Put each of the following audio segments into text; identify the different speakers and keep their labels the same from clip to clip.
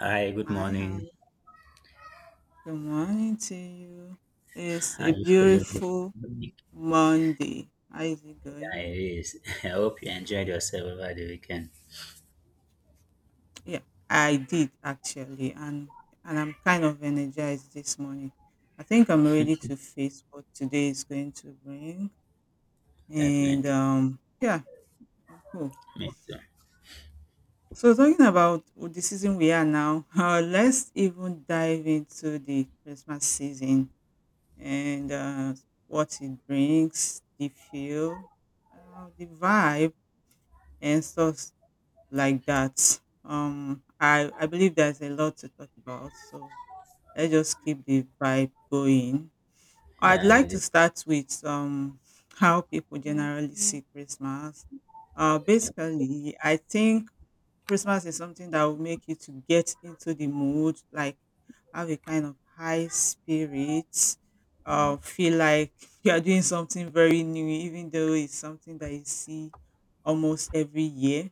Speaker 1: Hi, good
Speaker 2: Hi,
Speaker 1: morning.
Speaker 2: hi. Good morning to you. It's a
Speaker 1: How you feeling this
Speaker 2: beautiful
Speaker 1: week?
Speaker 2: Monday. How is it
Speaker 1: Yeah,
Speaker 2: going?
Speaker 1: it is. I hope you enjoyed yourself over the weekend.
Speaker 2: Yeah, I did actually, and I'm kind of energized this morning. I think I'm ready to face what today is going to bring, and
Speaker 1: Definitely.
Speaker 2: yeah, I'm cool.
Speaker 1: Me too.
Speaker 2: So talking about the season we are now, let's even dive into the Christmas season and what he drinks, the feel, the vibe, and stuff like that. I believe there's a lot to talk about, so let's just keep the vibe going. I'd
Speaker 1: Yeah,
Speaker 2: like
Speaker 1: it
Speaker 2: to
Speaker 1: is.
Speaker 2: start with how people generally see Christmas. Basically, I think Christmas is something that will make you to get into the mood, like have a kind of high spirit, feel like you are doing something very new, even though it's something that you see almost every year.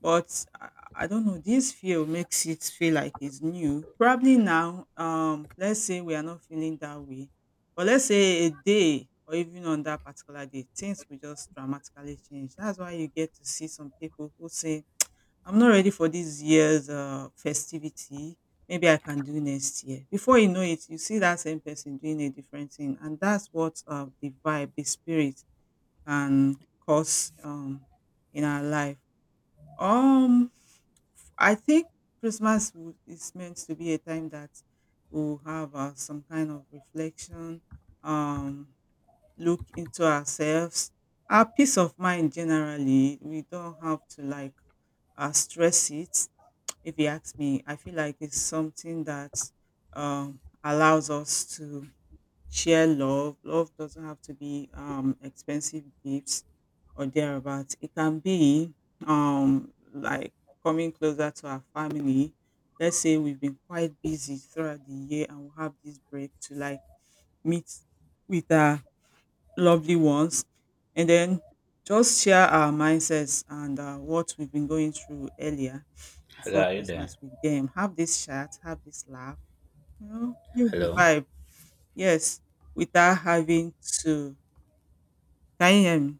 Speaker 2: But I, I don't know, this feel makes it feel like it's new. Probably now, let's say we are not feeling that way, but let's say a day or even on that particular day, things will just dramatically change. That's why you get to see some people who say I'm not ready for this year's festivity. Maybe I can do next year. Before you know it, you see that same person doing a different thing. And that's what the vibe, the spirit can cause in our life. Um, I think is meant to be a time that we'll have some kind of reflection, um, look into ourselves, our peace of mind generally. We don't have to like stress it. If you ask me, I feel like it's something that allows us to share love. Love doesn't have to be expensive gifts or thereabouts. It can be like coming closer to our family. Let's say we've been quite busy throughout the year and we have this break to like meet with our lovely ones, and then just share our mindsets and what we've been going through earlier
Speaker 1: Hello,
Speaker 2: before
Speaker 1: are you
Speaker 2: Christmas
Speaker 1: there?
Speaker 2: with them. Have this chat, have this laugh, you know, feel the
Speaker 1: Hello.
Speaker 2: vibe. Yes, without having to. Can you hear me?